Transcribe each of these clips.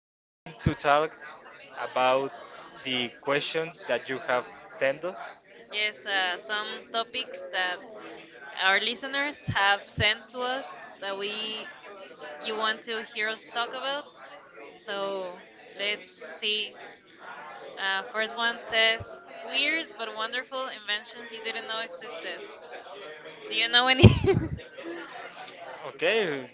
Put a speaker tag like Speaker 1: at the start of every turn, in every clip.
Speaker 1: We're going to talk about the questions that you have sent us.
Speaker 2: Yes, some topics that our listeners have sent to us that we you want to hear us talk about. So let's see. First one says weird but wonderful inventions you didn't know existed. Do you know any?
Speaker 1: Okay,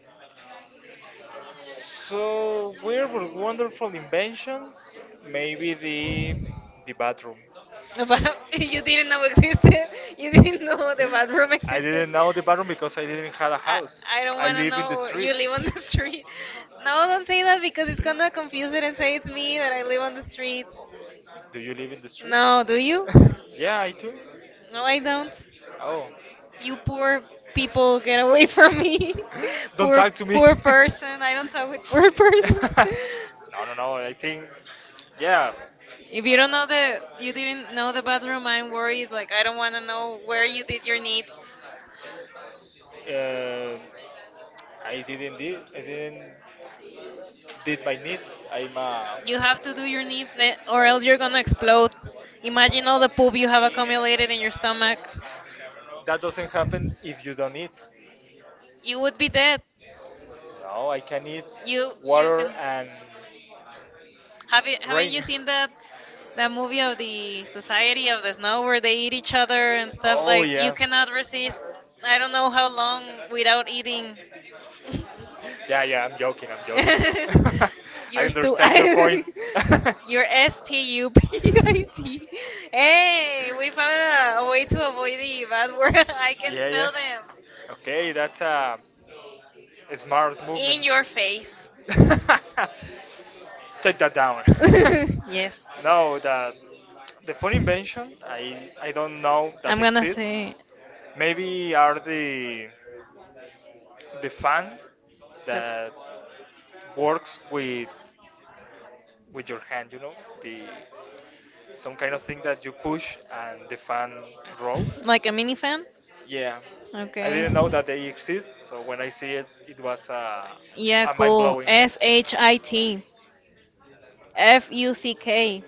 Speaker 1: so we're wonderful inventions. Maybe the bathroom.
Speaker 2: About you
Speaker 1: you
Speaker 2: didn't
Speaker 1: didn't
Speaker 2: know
Speaker 1: know existed.
Speaker 2: existed. You
Speaker 1: You didn't
Speaker 2: didn't know
Speaker 1: know the
Speaker 2: the
Speaker 1: bathroom.
Speaker 2: bathroom
Speaker 1: I
Speaker 2: existed.
Speaker 1: didn't know the bathroom because I didn't have a house.
Speaker 2: I, I don't
Speaker 1: I
Speaker 2: want to
Speaker 1: live in the
Speaker 2: know
Speaker 1: street.
Speaker 2: you
Speaker 1: You
Speaker 2: live
Speaker 1: on
Speaker 2: on
Speaker 1: the
Speaker 2: the
Speaker 1: street.
Speaker 2: street.
Speaker 1: No,
Speaker 2: No, don't say that because it's
Speaker 1: just gonna
Speaker 2: gonna confuse
Speaker 1: confuse
Speaker 2: it
Speaker 1: it
Speaker 2: and
Speaker 1: and
Speaker 2: say
Speaker 1: me
Speaker 2: it's
Speaker 1: that I
Speaker 2: me that I live
Speaker 1: live
Speaker 2: on
Speaker 1: on
Speaker 2: the
Speaker 1: the street.
Speaker 2: streets.
Speaker 1: Do you live in the street?
Speaker 2: No,
Speaker 1: No,
Speaker 2: do you?
Speaker 1: yeah, I do. No,
Speaker 2: No,
Speaker 1: I
Speaker 2: I
Speaker 1: don't.
Speaker 2: don't.
Speaker 1: Oh,
Speaker 2: You poor people, get away from me.
Speaker 1: don't
Speaker 2: poor
Speaker 1: talk to me.
Speaker 2: poor person. I don't talk with poor person.
Speaker 1: no, no, no. Yeah,
Speaker 2: If you don't know the
Speaker 1: uh,
Speaker 2: you didn't know the bathroom, I'm worried. Like, I don't want to know where you did your needs.
Speaker 1: I didn't did, I didn't did my needs. I'm a.
Speaker 2: You have to do your needs, eh, or else you're gonna explode. Imagine all the poop you have accumulated in your stomach.
Speaker 1: That doesn't happen if you don't eat.
Speaker 2: You would be dead.
Speaker 1: No, I can eat
Speaker 2: You
Speaker 1: water
Speaker 2: can
Speaker 1: and
Speaker 2: have you Haven't you
Speaker 1: Rain.
Speaker 2: seen that movie of the Society of the Snow where they eat each other and stuff,
Speaker 1: Oh
Speaker 2: like, you
Speaker 1: yeah.
Speaker 2: cannot resist. I don't know how long without eating.
Speaker 1: Yeah, yeah, I'm joking. I
Speaker 2: You're stu
Speaker 1: understand your point.
Speaker 2: You're STUPID.
Speaker 1: We
Speaker 2: Hey, we found
Speaker 1: found
Speaker 2: a
Speaker 1: a way
Speaker 2: way
Speaker 1: to
Speaker 2: to
Speaker 1: avoid
Speaker 2: avoid the
Speaker 1: the bad
Speaker 2: bad
Speaker 1: word.
Speaker 2: word.
Speaker 1: I
Speaker 2: I
Speaker 1: can.
Speaker 2: can
Speaker 1: Yeah, yeah,
Speaker 2: spell them.
Speaker 1: tell. Okay, that's a smart movement.
Speaker 2: In your face.
Speaker 1: In movement. Your face. Take that down.
Speaker 2: Down. Yes.
Speaker 1: No, the phone invention, I don't know that
Speaker 2: I'm gonna
Speaker 1: exists.
Speaker 2: say
Speaker 1: Maybe are the fan
Speaker 2: the f-
Speaker 1: that works with your hand, you know, the some kind of thing that you push and the fan rolls.
Speaker 2: Like a mini fan?
Speaker 1: Yeah, I
Speaker 2: Okay.
Speaker 1: didn't know that they exist. So when I see it, it was
Speaker 2: Yeah,
Speaker 1: a mind
Speaker 2: cool.
Speaker 1: blowing.
Speaker 2: SHIT FUCK.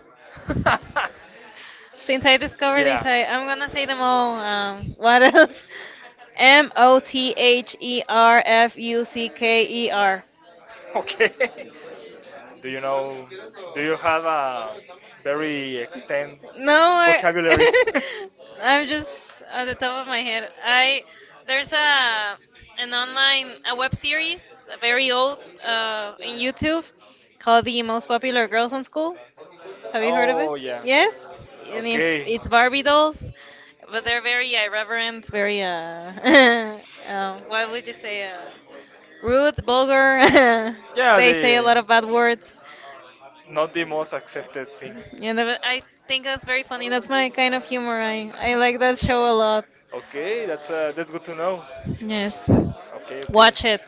Speaker 2: Since I discovered
Speaker 1: yeah.
Speaker 2: this, I'm gonna say them all. What else? MOTHERFUCKER.
Speaker 1: Okay. Do you know? Do you have a very extended
Speaker 2: No,
Speaker 1: vocabulary?
Speaker 2: I'm just at the top of my head. I There's a an online a web series, a very old, in YouTube, called "The Most Popular Girls in School." Have you heard of it?
Speaker 1: Oh yeah. Yes?
Speaker 2: Yes, and it's
Speaker 1: Okay.
Speaker 2: it's Barbie dolls, but they're very irreverent, very what would you say, rude, vulgar.
Speaker 1: Yeah,
Speaker 2: They say a
Speaker 1: the
Speaker 2: lot of bad words.
Speaker 1: not the most accepted thing.
Speaker 2: Yeah, I think that's very funny. That's my kind of humor. I like that show a lot.
Speaker 1: Okay, that's good to know.
Speaker 2: Yes.
Speaker 1: Okay, okay,
Speaker 2: Watch it.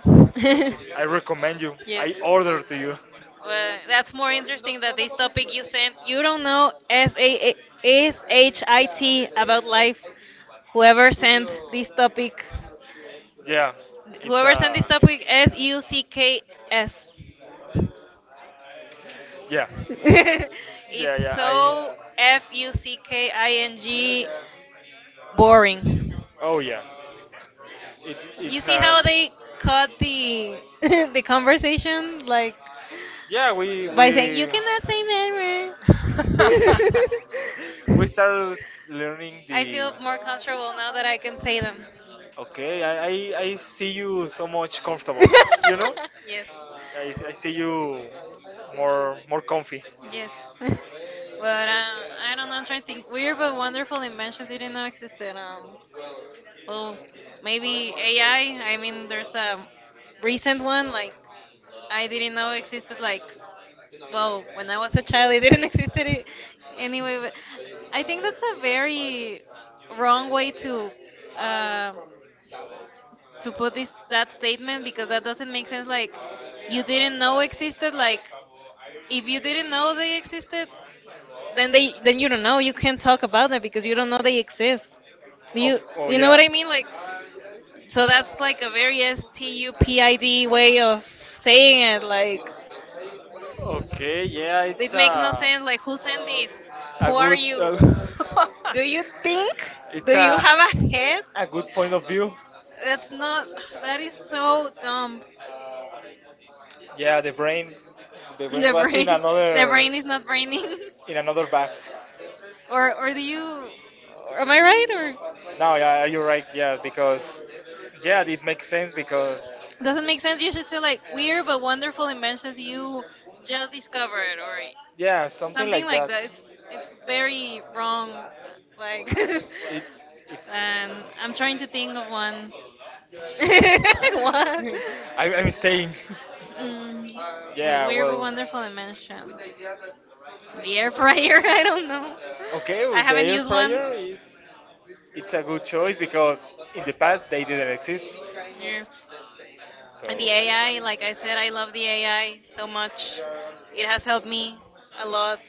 Speaker 1: watch it. I recommend you. I
Speaker 2: Yes. Well,
Speaker 1: order to you.
Speaker 2: that's more interesting that this topic you sent. You don't know SA SHIT about life. Whoever sent this topic,
Speaker 1: Yeah, it's
Speaker 2: whoever sent this
Speaker 1: Florence,
Speaker 2: topic, S
Speaker 1: a
Speaker 2: U C K S.
Speaker 1: yeah, yeah,
Speaker 2: It's
Speaker 1: yeah.
Speaker 2: so
Speaker 1: I
Speaker 2: F U C
Speaker 1: so,
Speaker 2: K I N G boring.
Speaker 1: oh yeah, it
Speaker 2: You
Speaker 1: so
Speaker 2: see how
Speaker 1: has
Speaker 2: they cut the the conversation,
Speaker 1: like
Speaker 2: like,
Speaker 1: yeah. We like
Speaker 2: by saying you
Speaker 1: we
Speaker 2: cannot say man.
Speaker 1: we started learning
Speaker 2: I
Speaker 1: the.
Speaker 2: feel more comfortable now that I can say them.
Speaker 1: Okay, I see you so much comfortable, you know?
Speaker 2: Yes.
Speaker 1: I see you more comfy.
Speaker 2: Yes. But I don't know, I'm trying to think. Weird but wonderful inventions didn't know existed.
Speaker 1: Oh,
Speaker 2: Well,
Speaker 1: maybe in
Speaker 2: maybe AI.
Speaker 1: AI.
Speaker 2: I I
Speaker 1: I mean,
Speaker 2: mean,
Speaker 1: there's
Speaker 2: there's
Speaker 1: a
Speaker 2: a
Speaker 1: recent
Speaker 2: recent
Speaker 1: one
Speaker 2: one
Speaker 1: like
Speaker 2: like I
Speaker 1: I
Speaker 2: didn't
Speaker 1: didn't
Speaker 2: know
Speaker 1: know existed.
Speaker 2: existed. Like,
Speaker 1: Like, whoa,
Speaker 2: well, when
Speaker 1: when
Speaker 2: I
Speaker 1: I was
Speaker 2: was a
Speaker 1: a
Speaker 2: child,
Speaker 1: child,
Speaker 2: it
Speaker 1: it
Speaker 2: didn't
Speaker 1: didn't exist
Speaker 2: exist
Speaker 1: any,
Speaker 2: anyway.
Speaker 1: anywhere.
Speaker 2: But
Speaker 1: I
Speaker 2: I think
Speaker 1: think
Speaker 2: that's
Speaker 1: that's
Speaker 2: a
Speaker 1: a
Speaker 2: very
Speaker 1: very
Speaker 2: wrong
Speaker 1: wrong
Speaker 2: way
Speaker 1: way
Speaker 2: to uh,
Speaker 1: uh, to put
Speaker 2: put
Speaker 1: this
Speaker 2: this
Speaker 1: that
Speaker 2: that
Speaker 1: statement
Speaker 2: statement
Speaker 1: because
Speaker 2: because
Speaker 1: that
Speaker 2: that
Speaker 1: doesn't
Speaker 2: doesn't
Speaker 1: make
Speaker 2: make sense.
Speaker 1: sense. Like
Speaker 2: Like,
Speaker 1: you
Speaker 2: you didn't
Speaker 1: didn't know
Speaker 2: know
Speaker 1: existed.
Speaker 2: existed.
Speaker 1: Like
Speaker 2: Like,
Speaker 1: if
Speaker 2: if
Speaker 1: you
Speaker 2: you
Speaker 1: didn't
Speaker 2: didn't
Speaker 1: know
Speaker 2: know
Speaker 1: they
Speaker 2: they
Speaker 1: existed,
Speaker 2: existed,
Speaker 1: then they then
Speaker 2: then
Speaker 1: you
Speaker 2: you
Speaker 1: don't
Speaker 2: don't
Speaker 1: know.
Speaker 2: know.
Speaker 1: You
Speaker 2: You
Speaker 1: can't
Speaker 2: can't
Speaker 1: talk
Speaker 2: talk
Speaker 1: about
Speaker 2: about them
Speaker 1: them because
Speaker 2: because
Speaker 1: you
Speaker 2: you
Speaker 1: don't
Speaker 2: don't
Speaker 1: know
Speaker 2: know
Speaker 1: they
Speaker 2: they
Speaker 1: exist.
Speaker 2: exist. Do
Speaker 1: Of
Speaker 2: you
Speaker 1: oh
Speaker 2: do you
Speaker 1: you
Speaker 2: know
Speaker 1: know yeah
Speaker 2: what
Speaker 1: what
Speaker 2: I
Speaker 1: I mean?
Speaker 2: mean?
Speaker 1: Like
Speaker 2: Like.
Speaker 1: so
Speaker 2: So
Speaker 1: that's
Speaker 2: that's
Speaker 1: like
Speaker 2: like a
Speaker 1: a very
Speaker 2: very
Speaker 1: STUPID
Speaker 2: stupid
Speaker 1: way
Speaker 2: way
Speaker 1: of
Speaker 2: of
Speaker 1: saying
Speaker 2: saying
Speaker 1: it.
Speaker 2: it. Like,
Speaker 1: Like okay, yeah,
Speaker 2: it
Speaker 1: it's
Speaker 2: makes no sense. Like, who sent this?
Speaker 1: a
Speaker 2: Who are you?
Speaker 1: good
Speaker 2: Do you think? Do
Speaker 1: it's
Speaker 2: you
Speaker 1: a
Speaker 2: have a head?
Speaker 1: a good point of view.
Speaker 2: That's not. That is so dumb.
Speaker 1: Yeah, the brain
Speaker 2: The
Speaker 1: was
Speaker 2: brain, is not braining.
Speaker 1: in another bag.
Speaker 2: Or do you? Am I right? Or
Speaker 1: No, yeah, you're right. Yeah, because yeah, it makes sense because so
Speaker 2: doesn't make sense. You should say
Speaker 1: like
Speaker 2: like
Speaker 1: weird
Speaker 2: weird
Speaker 1: but
Speaker 2: but
Speaker 1: wonderful
Speaker 2: wonderful
Speaker 1: inventions
Speaker 2: inventions
Speaker 1: you
Speaker 2: you
Speaker 1: just
Speaker 2: just
Speaker 1: discovered
Speaker 2: discovered,
Speaker 1: or
Speaker 2: or
Speaker 1: yeah, something
Speaker 2: something
Speaker 1: like like
Speaker 2: like
Speaker 1: that.
Speaker 2: that. It's
Speaker 1: that.
Speaker 2: it's
Speaker 1: Like very
Speaker 2: very
Speaker 1: wrong.
Speaker 2: wrong, like,
Speaker 1: Like it's it's.
Speaker 2: and I'm
Speaker 1: I'm trying
Speaker 2: trying
Speaker 1: to
Speaker 2: to
Speaker 1: think
Speaker 2: think of one.
Speaker 1: of one.
Speaker 2: What?
Speaker 1: One. I'm saying.
Speaker 2: Mm,
Speaker 1: Yeah, weird but
Speaker 2: weird but
Speaker 1: well, wonderful
Speaker 2: wonderful inventions.
Speaker 1: invention. The
Speaker 2: The
Speaker 1: air
Speaker 2: air fryer. I
Speaker 1: fryer.
Speaker 2: don't know.
Speaker 1: Okay, I well,
Speaker 2: I
Speaker 1: the haven't
Speaker 2: haven't
Speaker 1: air used
Speaker 2: used
Speaker 1: one.
Speaker 2: one.
Speaker 1: Fryer is it's a good choice because in the past they didn't exist.
Speaker 2: Yes.
Speaker 1: So
Speaker 2: And the
Speaker 1: yeah,
Speaker 2: AI,
Speaker 1: yeah. Like
Speaker 2: like
Speaker 1: I
Speaker 2: I
Speaker 1: said,
Speaker 2: said, I love the AI so much. It has helped me a lot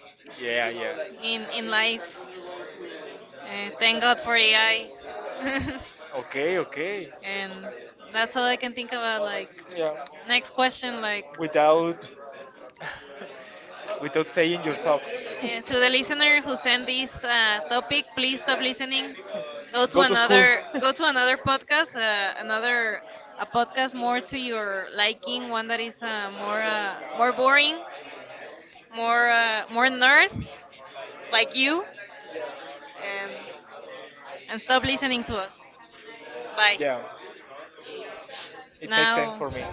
Speaker 1: yeah, yeah.
Speaker 2: in life.
Speaker 1: Thank
Speaker 2: Thank
Speaker 1: God
Speaker 2: God
Speaker 1: for
Speaker 2: for
Speaker 1: AI.
Speaker 2: AI.
Speaker 1: Okay, okay.
Speaker 2: And that's
Speaker 1: That's
Speaker 2: all
Speaker 1: all I
Speaker 2: I can
Speaker 1: can think
Speaker 2: think about.
Speaker 1: about. Like,
Speaker 2: Like,
Speaker 1: yeah. Next
Speaker 2: next
Speaker 1: question,
Speaker 2: question, like.
Speaker 1: like, without without saying your thoughts. To the
Speaker 2: And to the
Speaker 1: listener
Speaker 2: listener
Speaker 1: who
Speaker 2: who
Speaker 1: sent
Speaker 2: sent
Speaker 1: this
Speaker 2: this
Speaker 1: topic,
Speaker 2: topic,
Speaker 1: please
Speaker 2: please
Speaker 1: stop
Speaker 2: stop listening.
Speaker 1: listening. Go to. Go to school. Another, go to
Speaker 2: Go to another podcast,
Speaker 1: another
Speaker 2: another a podcast
Speaker 1: podcast more
Speaker 2: more
Speaker 1: to
Speaker 2: to
Speaker 1: your
Speaker 2: your liking,
Speaker 1: liking, one
Speaker 2: one
Speaker 1: that
Speaker 2: that
Speaker 1: is
Speaker 2: is more
Speaker 1: more,
Speaker 2: more
Speaker 1: more boring,
Speaker 2: boring, more
Speaker 1: more
Speaker 2: more nerd like
Speaker 1: like you.
Speaker 2: you, and and stop listening to us. Bye.
Speaker 1: Yeah, it makes sense
Speaker 2: Now,
Speaker 1: for me.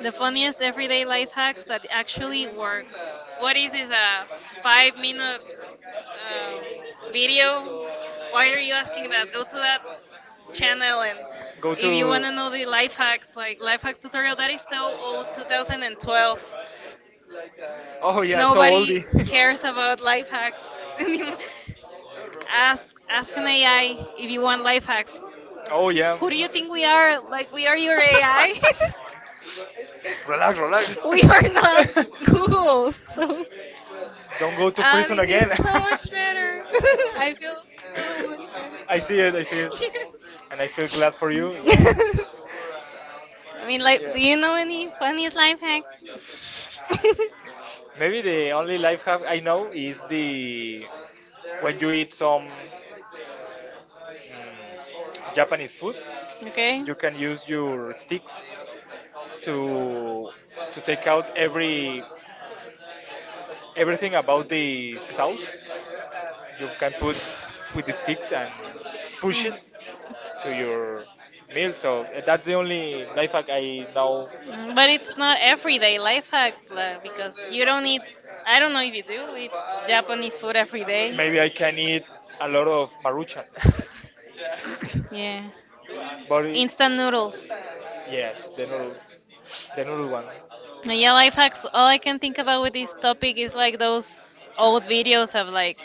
Speaker 2: the funniest everyday life hacks that actually work. What is this? A 5-minute um, video? Why are you asking that? Go to that channel, and
Speaker 1: Go
Speaker 2: if you
Speaker 1: to.
Speaker 2: want to know the life hacks, like life hacks tutorial, that is so old, 2012.
Speaker 1: Oh yeah, so
Speaker 2: Nobody
Speaker 1: oldie.
Speaker 2: cares about life hacks anymore.
Speaker 1: As
Speaker 2: ask ask an
Speaker 1: an AI,
Speaker 2: AI if
Speaker 1: you
Speaker 2: you want
Speaker 1: are life
Speaker 2: life hacks.
Speaker 1: hacking. Oh yeah.
Speaker 2: Who
Speaker 1: Do
Speaker 2: do
Speaker 1: you
Speaker 2: you
Speaker 1: think
Speaker 2: think
Speaker 1: we
Speaker 2: we
Speaker 1: are
Speaker 2: are?
Speaker 1: like
Speaker 2: Like
Speaker 1: we
Speaker 2: we
Speaker 1: are
Speaker 2: are
Speaker 1: your
Speaker 2: your
Speaker 1: AI?
Speaker 2: AI?
Speaker 1: Relax, relax.
Speaker 2: We
Speaker 1: We
Speaker 2: are
Speaker 1: are
Speaker 2: not
Speaker 1: not Google.
Speaker 2: Google. So
Speaker 1: Don't go to prison feel again.
Speaker 2: this is
Speaker 1: So
Speaker 2: so
Speaker 1: much
Speaker 2: much better. I feel
Speaker 1: better.
Speaker 2: so much
Speaker 1: I feel. I see it,
Speaker 2: better.
Speaker 1: I see it. And I feel glad for you, yeah.
Speaker 2: I mean,
Speaker 1: Be like
Speaker 2: like,
Speaker 1: yeah,
Speaker 2: do
Speaker 1: we
Speaker 2: you know
Speaker 1: are in
Speaker 2: any
Speaker 1: infant.
Speaker 2: funniest life hacks?
Speaker 1: Maybe the only life hack I know is the when you eat some mm, Japanese food.
Speaker 2: Okay.
Speaker 1: You can use your sticks to take out every everything about the sauce. You can put with the sticks and push
Speaker 2: Hmm.
Speaker 1: it to your meal. So that's the only life hack I know.
Speaker 2: Mm, but it's not everyday life hack, like, because you don't eat. I don't know if you do eat Japanese food every day.
Speaker 1: Maybe I can eat a lot of maruchan.
Speaker 2: Yeah.
Speaker 1: But it,
Speaker 2: Instant noodles.
Speaker 1: yes, the noodles, the noodle one.
Speaker 2: Yeah, life hacks. All I can think about with this topic is
Speaker 1: Like
Speaker 2: like those old
Speaker 1: uh,
Speaker 2: videos of like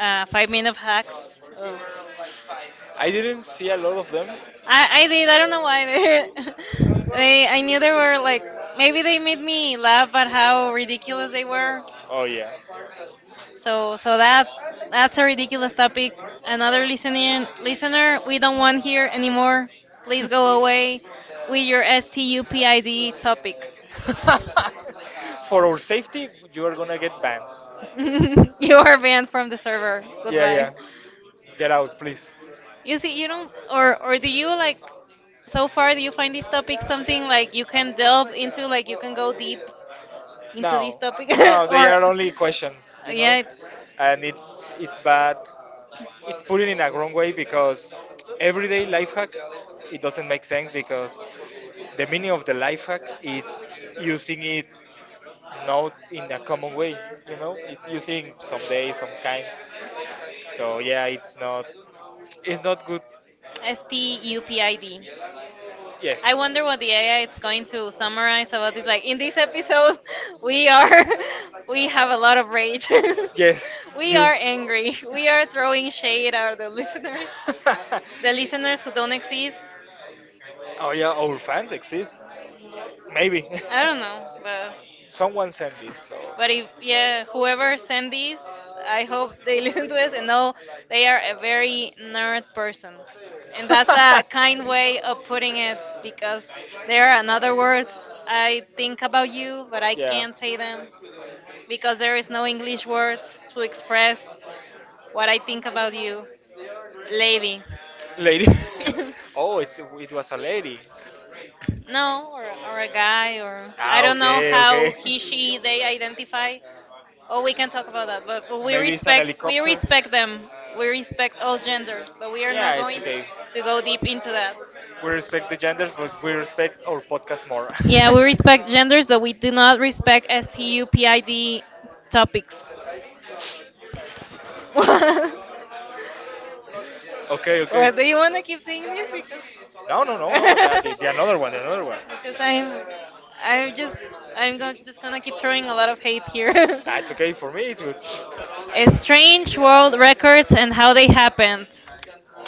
Speaker 2: 5-minute hacks of
Speaker 1: I didn't see a lot of them.
Speaker 2: I did. I don't know why they, they. I knew they were like, maybe
Speaker 1: Like
Speaker 2: they made me laugh at how ridiculous they were.
Speaker 1: oh yeah.
Speaker 2: So that's a ridiculous topic. Another listening listener we don't want here anymore. Please go away with your STUPID topic.
Speaker 1: For our safety, you are gonna get banned.
Speaker 2: You are banned from the server.
Speaker 1: Yeah,
Speaker 2: Goodbye.
Speaker 1: yeah. Get out, please.
Speaker 2: You see, or do you like so far do you find this topic something like you can delve into, like you can go deep into this
Speaker 1: No,
Speaker 2: topic
Speaker 1: no, they are
Speaker 2: or,
Speaker 1: only questions, you know,
Speaker 2: yeah, it's
Speaker 1: and it's bad. It put it in a wrong way because everyday life hack it doesn't make sense because the meaning of the life hack is using it not in a common way, you know, it's using some days some kind, so yeah, it's not good.
Speaker 2: STUPID.
Speaker 1: Yes.
Speaker 2: I wonder what the AI is going to summarize about this. Like, in this episode, we are we have a lot of rage.
Speaker 1: Yes.
Speaker 2: We
Speaker 1: You.
Speaker 2: are angry. We are throwing shade at the listeners, who don't exist.
Speaker 1: Oh yeah, our fans exist. Maybe.
Speaker 2: I don't know,
Speaker 1: Someone sent this, so
Speaker 2: but if yeah, whoever sent these, I hope they listen to this and know they are a very nerd person, and that's a kind way of putting it, because there are another words I think about you, but I
Speaker 1: yeah.
Speaker 2: can't say them because there is no English words to express what I think about you, lady.
Speaker 1: Lady. Oh, it's it was a lady. No,
Speaker 2: No, or
Speaker 1: or a
Speaker 2: a
Speaker 1: guy.
Speaker 2: guy, or
Speaker 1: I ah,
Speaker 2: I don't
Speaker 1: don't know
Speaker 2: know
Speaker 1: okay, how
Speaker 2: how
Speaker 1: okay.
Speaker 2: he,
Speaker 1: She, they
Speaker 2: she, they
Speaker 1: identify.
Speaker 2: identify. Oh, we can
Speaker 1: Can't talk
Speaker 2: talk about
Speaker 1: about
Speaker 2: that,
Speaker 1: that,
Speaker 2: but,
Speaker 1: but maybe it's an like, be
Speaker 2: we
Speaker 1: helicopter
Speaker 2: respect
Speaker 1: respectful
Speaker 2: them. We respect all
Speaker 1: of gender.
Speaker 2: genders, but we
Speaker 1: We
Speaker 2: are
Speaker 1: yeah,
Speaker 2: not
Speaker 1: really it's
Speaker 2: going
Speaker 1: going okay to
Speaker 2: to go
Speaker 1: go
Speaker 2: deep
Speaker 1: deep into
Speaker 2: into that.
Speaker 1: that. We respect the genders, but we respect our podcast more.
Speaker 2: Yeah,
Speaker 1: Yeah,
Speaker 2: we
Speaker 1: and
Speaker 2: respect genders, but we do not respect
Speaker 1: new
Speaker 2: STUPID topics.
Speaker 1: topics. Okay,
Speaker 2: Or
Speaker 1: okay.
Speaker 2: do
Speaker 1: Do you
Speaker 2: you
Speaker 1: want
Speaker 2: want to
Speaker 1: to
Speaker 2: keep
Speaker 1: keep saying
Speaker 2: saying this?
Speaker 1: that? No. That the another one, the another one.
Speaker 2: Because
Speaker 1: Because
Speaker 2: I'm just
Speaker 1: I
Speaker 2: I'm going
Speaker 1: just
Speaker 2: just
Speaker 1: gonna
Speaker 2: gonna keep
Speaker 1: keep throwing
Speaker 2: throwing
Speaker 1: a
Speaker 2: a lot
Speaker 1: lot of
Speaker 2: of
Speaker 1: hate
Speaker 2: hate
Speaker 1: here.
Speaker 2: here.
Speaker 1: Ah, it's okay for me. It's good.
Speaker 2: Strange world records and how they happened.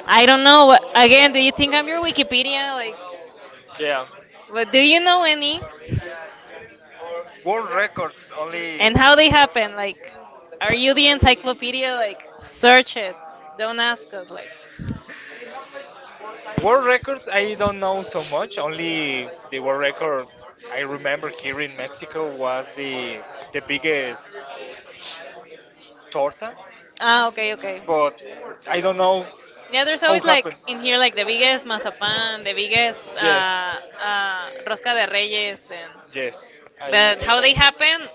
Speaker 2: I
Speaker 1: I
Speaker 2: don't
Speaker 1: don't
Speaker 2: know.
Speaker 1: know,
Speaker 2: What,
Speaker 1: but again,
Speaker 2: again, do
Speaker 1: do you
Speaker 2: you
Speaker 1: think
Speaker 2: think I'm
Speaker 1: maybe
Speaker 2: your Wikipedia?
Speaker 1: Wikipedia?
Speaker 2: Like,
Speaker 1: Like, yeah,
Speaker 2: but do
Speaker 1: but do
Speaker 2: you
Speaker 1: you
Speaker 2: know
Speaker 1: know any
Speaker 2: any?
Speaker 1: world records only.
Speaker 2: And how they happen? Like, are you the encyclopedia?
Speaker 1: Wikipedia like
Speaker 2: Like,
Speaker 1: search?
Speaker 2: search it.
Speaker 1: Like,
Speaker 2: Don't
Speaker 1: don't ask.
Speaker 2: ask us. Like.
Speaker 1: World records I don't know so much. Only the world record I remember here in Mexico was the biggest torta.
Speaker 2: Ah,
Speaker 1: Ah,
Speaker 2: okay,
Speaker 1: okay.
Speaker 2: okay.
Speaker 1: But I don't know
Speaker 2: Yeah,
Speaker 1: yeah, there's
Speaker 2: there's
Speaker 1: how
Speaker 2: always,
Speaker 1: always like
Speaker 2: like
Speaker 1: happened. If
Speaker 2: in here,
Speaker 1: you like
Speaker 2: like the
Speaker 1: the
Speaker 2: biggest
Speaker 1: biggest mazapan,
Speaker 2: mazapan, the
Speaker 1: the biggest
Speaker 2: biggest
Speaker 1: yes,
Speaker 2: rosca
Speaker 1: rosca
Speaker 2: de
Speaker 1: de reyes,
Speaker 2: reyes, and
Speaker 1: yes, I, that
Speaker 2: but
Speaker 1: I
Speaker 2: how they
Speaker 1: always know.
Speaker 2: happen?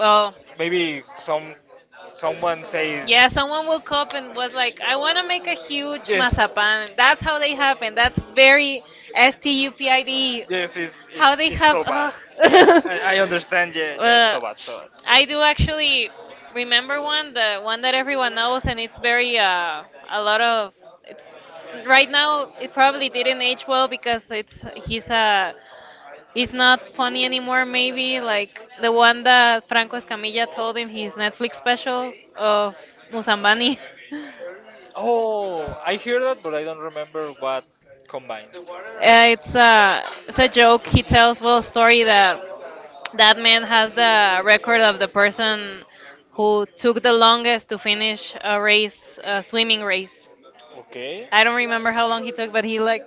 Speaker 1: Well, maybe some someone says yeah,
Speaker 2: yeah, someone
Speaker 1: someone woke
Speaker 2: woke up
Speaker 1: up and
Speaker 2: and
Speaker 1: was
Speaker 2: was
Speaker 1: like,
Speaker 2: like, "I
Speaker 1: I
Speaker 2: want
Speaker 1: want
Speaker 2: to
Speaker 1: to make
Speaker 2: make a
Speaker 1: a huge
Speaker 2: huge
Speaker 1: yes,
Speaker 2: mazapan."
Speaker 1: mazapan.
Speaker 2: That's how they happen. That's very
Speaker 1: That's
Speaker 2: S T U P
Speaker 1: the
Speaker 2: I
Speaker 1: idea.
Speaker 2: D.
Speaker 1: Yes, it's how
Speaker 2: How
Speaker 1: it's
Speaker 2: they
Speaker 1: they it's
Speaker 2: have?
Speaker 1: come so bad up.
Speaker 2: Ugh.
Speaker 1: Yeah, I understand. Yeah, yeah, it's
Speaker 2: Uh,
Speaker 1: so bad. So bad.
Speaker 2: I do actually
Speaker 1: I
Speaker 2: remember
Speaker 1: remember one,
Speaker 2: one, the one that everyone
Speaker 1: I
Speaker 2: knows, and
Speaker 1: was
Speaker 2: it's very a lot of
Speaker 1: in.
Speaker 2: it's
Speaker 1: Right
Speaker 2: right
Speaker 1: now,
Speaker 2: now.
Speaker 1: he
Speaker 2: It probably
Speaker 1: probably didn't
Speaker 2: didn't
Speaker 1: age
Speaker 2: age
Speaker 1: well.
Speaker 2: well because it's
Speaker 1: He's
Speaker 2: he's uh,
Speaker 1: he's
Speaker 2: he's not
Speaker 1: not
Speaker 2: funny
Speaker 1: funny
Speaker 2: anymore.
Speaker 1: anymore.
Speaker 2: Maybe
Speaker 1: Like
Speaker 2: like the
Speaker 1: the
Speaker 2: one that Franco Escamilla told in
Speaker 1: his
Speaker 2: his Netflix
Speaker 1: Netflix special
Speaker 2: special
Speaker 1: of.
Speaker 2: of Musambani.
Speaker 1: Oh, I hear that, but I don't remember what combines.
Speaker 2: Uh, it's a it's a
Speaker 1: Such
Speaker 2: joke. He tells, well, a story that
Speaker 1: a that
Speaker 2: that man has the
Speaker 1: recognition.
Speaker 2: record of the person who took the longest to finish a
Speaker 1: Uh,
Speaker 2: race, a swimming race.
Speaker 1: Okay.
Speaker 2: I
Speaker 1: I don't
Speaker 2: don't remember how long
Speaker 1: think
Speaker 2: he
Speaker 1: he took
Speaker 2: took, but he, like,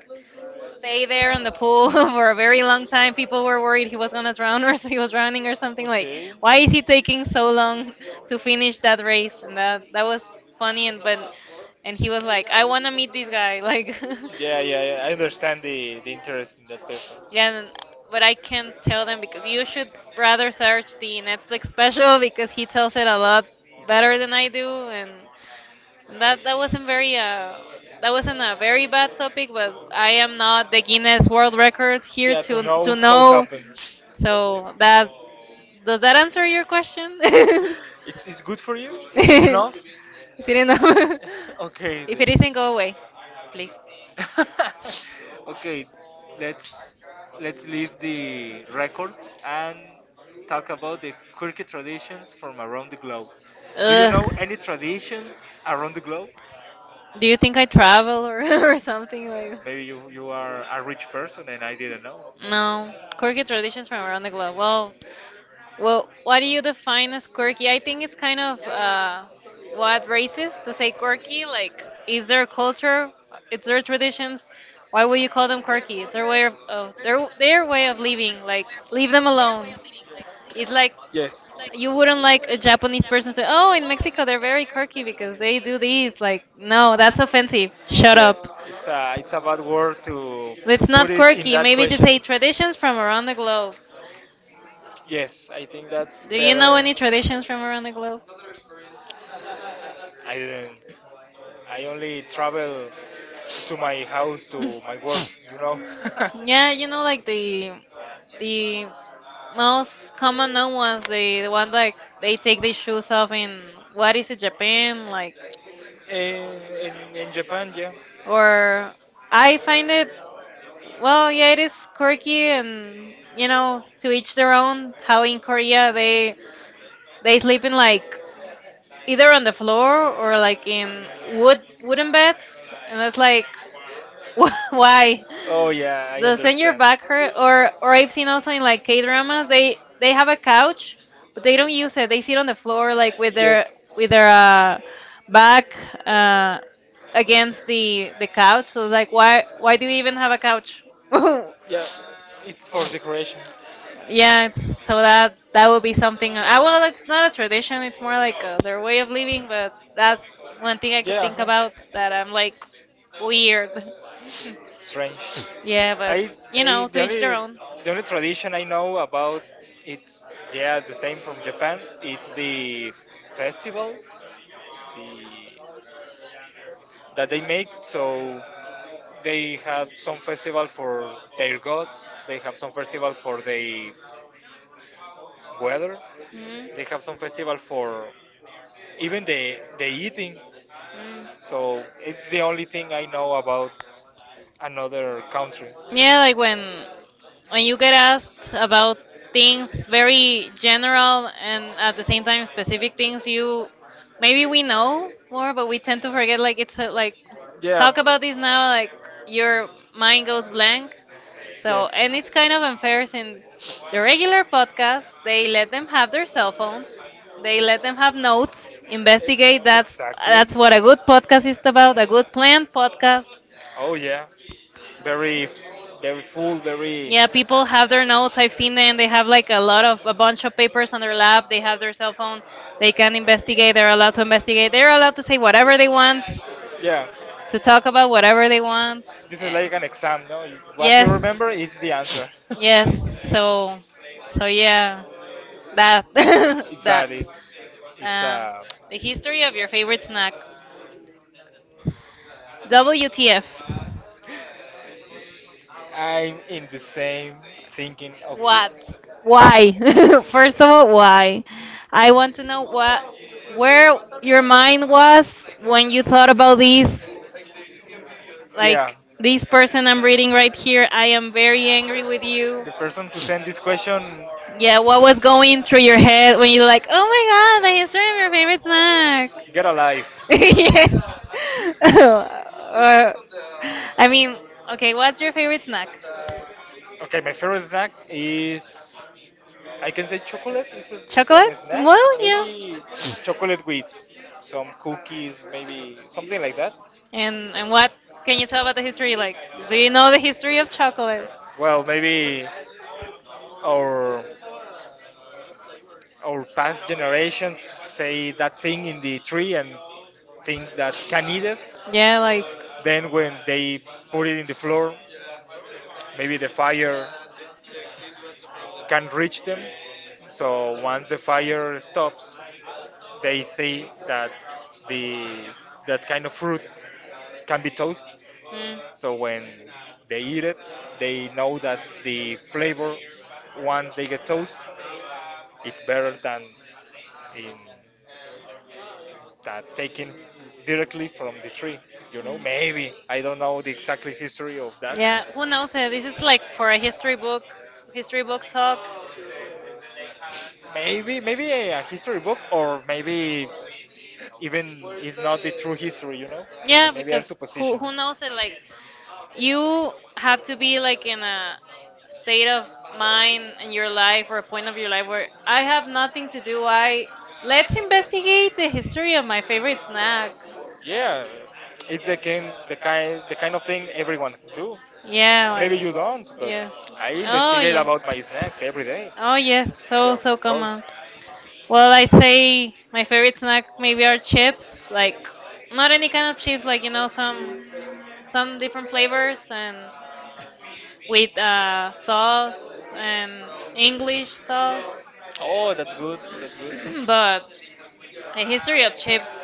Speaker 1: stay
Speaker 2: stayed there
Speaker 1: there on
Speaker 2: in
Speaker 1: the
Speaker 2: the pool
Speaker 1: pool for
Speaker 2: for a
Speaker 1: a
Speaker 2: very
Speaker 1: very
Speaker 2: long
Speaker 1: long time.
Speaker 2: time.
Speaker 1: It
Speaker 2: People were worried he was
Speaker 1: was known
Speaker 2: gonna
Speaker 1: as
Speaker 2: drown, or he was drowning or
Speaker 1: like
Speaker 2: something. Like,
Speaker 1: okay
Speaker 2: why is
Speaker 1: what
Speaker 2: he taking so
Speaker 1: two
Speaker 2: long to finish that race? And that
Speaker 1: days.
Speaker 2: that was funny, and but and
Speaker 1: That's
Speaker 2: he was like,
Speaker 1: I
Speaker 2: "I
Speaker 1: want
Speaker 2: wanna
Speaker 1: to meet
Speaker 2: meet
Speaker 1: this
Speaker 2: this guy."
Speaker 1: guy. Like,
Speaker 2: Like,
Speaker 1: yeah, yeah, yeah. I understand the interest in that person.
Speaker 2: yeah,
Speaker 1: And but
Speaker 2: but I
Speaker 1: I can
Speaker 2: can't
Speaker 1: tell
Speaker 2: tell them
Speaker 1: them
Speaker 2: because
Speaker 1: you
Speaker 2: you
Speaker 1: should
Speaker 2: should
Speaker 1: rather
Speaker 2: rather
Speaker 1: search
Speaker 2: search
Speaker 1: the
Speaker 2: the Netflix
Speaker 1: Netflix special
Speaker 2: special
Speaker 1: because
Speaker 2: because
Speaker 1: he
Speaker 2: he
Speaker 1: tells
Speaker 2: tells
Speaker 1: it
Speaker 2: it
Speaker 1: a
Speaker 2: a
Speaker 1: lot
Speaker 2: lot
Speaker 1: better
Speaker 2: better
Speaker 1: than
Speaker 2: than I
Speaker 1: I do.
Speaker 2: do,
Speaker 1: And
Speaker 2: and
Speaker 1: that
Speaker 2: that that wasn't very uh
Speaker 1: that
Speaker 2: that
Speaker 1: wasn't
Speaker 2: wasn't
Speaker 1: a
Speaker 2: a
Speaker 1: very
Speaker 2: very
Speaker 1: bad
Speaker 2: bad
Speaker 1: topic,
Speaker 2: topic,
Speaker 1: but
Speaker 2: but I
Speaker 1: I
Speaker 2: am not the Guinness World Record
Speaker 1: here
Speaker 2: here
Speaker 1: yeah, to
Speaker 2: to
Speaker 1: know
Speaker 2: to
Speaker 1: know. what
Speaker 2: know.
Speaker 1: happened.
Speaker 2: So that
Speaker 1: So,
Speaker 2: Does that answer your question?
Speaker 1: it's good for you? It's enough?
Speaker 2: Is it enough?
Speaker 1: Okay
Speaker 2: If
Speaker 1: then.
Speaker 2: it isn't, go away, please.
Speaker 1: Okay, let's let's leave the records and talk about the quirky traditions from around the globe. Do you
Speaker 2: Ugh.
Speaker 1: know any traditions around the globe?
Speaker 2: Do you think I travel, or, or something like,
Speaker 1: Maybe
Speaker 2: maybe?
Speaker 1: you are a rich person and I didn't know.
Speaker 2: No, quirky traditions from around the globe. Well, what do you define as quirky? I think it's kind of what racist to say quirky. Like, it's their traditions. Why would you call them quirky? It's their way of their way of living. Like, leave them alone.
Speaker 1: Yes.
Speaker 2: It's like you wouldn't like a Japanese person say, "Oh, in Mexico they're very quirky because they do these." Like, no, that's offensive. Shut
Speaker 1: Yes,
Speaker 2: up.
Speaker 1: it's a bad word to
Speaker 2: It's
Speaker 1: put
Speaker 2: not
Speaker 1: it in
Speaker 2: quirky.
Speaker 1: that
Speaker 2: Maybe just
Speaker 1: question.
Speaker 2: say traditions from around the globe.
Speaker 1: Yes, I think that's
Speaker 2: Do you know
Speaker 1: better.
Speaker 2: any traditions from around the globe?
Speaker 1: I didn't. I only travel to my house to my work, you know.
Speaker 2: Yeah, you know, like the most common known ones, the one like they take their shoes off in what is it, Japan, like,
Speaker 1: In, in Japan, yeah.
Speaker 2: or I find it, well, yeah, it is quirky and you know, to each their own. How in Korea they sleep in like either on the floor or like in wooden beds, and it's like, why?
Speaker 1: Oh yeah, I
Speaker 2: Doesn't your
Speaker 1: understand.
Speaker 2: back hurt? Or I've seen also in like K dramas, they have a couch, but they don't use it. They sit on the floor like
Speaker 1: Yes.
Speaker 2: with their back uh, against the couch. So it's like, why do you even have a couch?
Speaker 1: Yeah, it's for decoration.
Speaker 2: Yeah, so that that would be something. I well, it's not a tradition. It's more like their way of living. But that's one thing I could
Speaker 1: Yeah,
Speaker 2: think
Speaker 1: uh-huh.
Speaker 2: about that I'm like weird.
Speaker 1: Strange.
Speaker 2: Yeah, but
Speaker 1: I,
Speaker 2: you
Speaker 1: I
Speaker 2: know, to each their own.
Speaker 1: the only tradition I know about it's yeah the same from Japan. It's the festivals, the that they make so they have some festival for their gods. They have some festival for the weather.
Speaker 2: Mm.
Speaker 1: They have some festival for even the eating. So it's the only
Speaker 2: Mm.
Speaker 1: thing I know about another country.
Speaker 2: Yeah, like when you get asked about things very general and at the same time specific things you maybe we know more but we tend to forget like it's like
Speaker 1: Yeah.
Speaker 2: talk about this now like your mind goes blank so
Speaker 1: Yes.
Speaker 2: and it's kind of unfair since the regular podcast they let them have their cell phones they let them have notes investigate that's
Speaker 1: Exactly.
Speaker 2: that's what a good podcast is about a good planned podcast.
Speaker 1: Oh yeah. Very, very full. Very. Yeah.
Speaker 2: Yeah, people have their notes. I've seen them. They have like a lot of a bunch of papers on their lap. They have their cell phone. They can investigate. They're allowed to investigate. They're allowed to say whatever they want, to talk about whatever they want.
Speaker 1: This is
Speaker 2: Eh,
Speaker 1: like an exam, no? You- What you
Speaker 2: Yes.
Speaker 1: remember, it's the answer.
Speaker 2: Yes. So, so yeah, that
Speaker 1: It's
Speaker 2: that.
Speaker 1: bad. It's
Speaker 2: Um, the history of your favorite snack. WTF?
Speaker 1: I'm in the same thinking of you.
Speaker 2: What? Why? First of all, why? I want to know what,
Speaker 1: What?
Speaker 2: where
Speaker 1: Where
Speaker 2: your mind was when you thought about this. Yeah.
Speaker 1: yeah,
Speaker 2: Like this person I'm reading right here, I am very angry with you.
Speaker 1: the person who sent this question,
Speaker 2: Yeah,
Speaker 1: yeah.
Speaker 2: what was going through your head when you're like, oh my god, the history of your favorite snack?
Speaker 1: Get a life.
Speaker 2: yes. I mean, okay, what's your favorite snack?
Speaker 1: Okay, my favorite snack is I can say chocolate. Is a, it's
Speaker 2: Chocolate?
Speaker 1: a snack.
Speaker 2: Well, yeah.
Speaker 1: Maybe it's chocolate with some cookies, maybe something like that.
Speaker 2: And
Speaker 1: And
Speaker 2: and what
Speaker 1: what
Speaker 2: can
Speaker 1: can you
Speaker 2: you tell
Speaker 1: tell
Speaker 2: about
Speaker 1: about
Speaker 2: the
Speaker 1: the
Speaker 2: history?
Speaker 1: like
Speaker 2: Like, do you know the history of chocolate?
Speaker 1: well, maybe our our past generations say that thing in the tree and things that can eat us.
Speaker 2: Yeah,
Speaker 1: Yeah,
Speaker 2: like.
Speaker 1: then when they put it in the floor, maybe the fire can reach them. So once the fire stops, they say that the that kind of fruit can be toast. So when they eat it, they know that the flavor, once they get toast, it's better
Speaker 2: Mm.
Speaker 1: than in that taken directly from the tree. Maybe I don't know the exact history of that.
Speaker 2: Yeah, who knows? This is like for a history book talk.
Speaker 1: Maybe a history book, or maybe even it's not the true history.
Speaker 2: Yeah,
Speaker 1: Maybe our
Speaker 2: because who
Speaker 1: supposition.
Speaker 2: who knows that like you have to be like
Speaker 1: In
Speaker 2: in
Speaker 1: a
Speaker 2: a state
Speaker 1: state of
Speaker 2: of
Speaker 1: mind
Speaker 2: mind
Speaker 1: near the point
Speaker 2: in
Speaker 1: of your
Speaker 2: your life or a point of your life
Speaker 1: life where
Speaker 2: where
Speaker 1: I
Speaker 2: I
Speaker 1: have
Speaker 2: have
Speaker 1: nothing
Speaker 2: nothing
Speaker 1: to
Speaker 2: to
Speaker 1: do.
Speaker 2: do.
Speaker 1: I
Speaker 2: I
Speaker 1: let's
Speaker 2: let's
Speaker 1: investigate
Speaker 2: investigate the
Speaker 1: the
Speaker 2: history
Speaker 1: history
Speaker 2: of
Speaker 1: of my
Speaker 2: my favorite
Speaker 1: favorite
Speaker 2: snack.
Speaker 1: snack. Yeah, it's the kind of thing everyone do. Yeah.
Speaker 2: Yeah,
Speaker 1: Maybe you don't,
Speaker 2: like
Speaker 1: but
Speaker 2: yes.
Speaker 1: I
Speaker 2: Oh
Speaker 1: investigate
Speaker 2: yeah.
Speaker 1: about my snacks every day.
Speaker 2: Oh yes, so
Speaker 1: Yes,
Speaker 2: so
Speaker 1: of course.
Speaker 2: common. Well, I'd say my favorite snack maybe are chips, like not
Speaker 1: Like
Speaker 2: any kind of chips, like you
Speaker 1: some
Speaker 2: know some
Speaker 1: some
Speaker 2: different
Speaker 1: different flavors
Speaker 2: flavors and
Speaker 1: and
Speaker 2: with
Speaker 1: um,
Speaker 2: sauce and English sauce.
Speaker 1: oh, that's good. That's good.
Speaker 2: But a history of chips.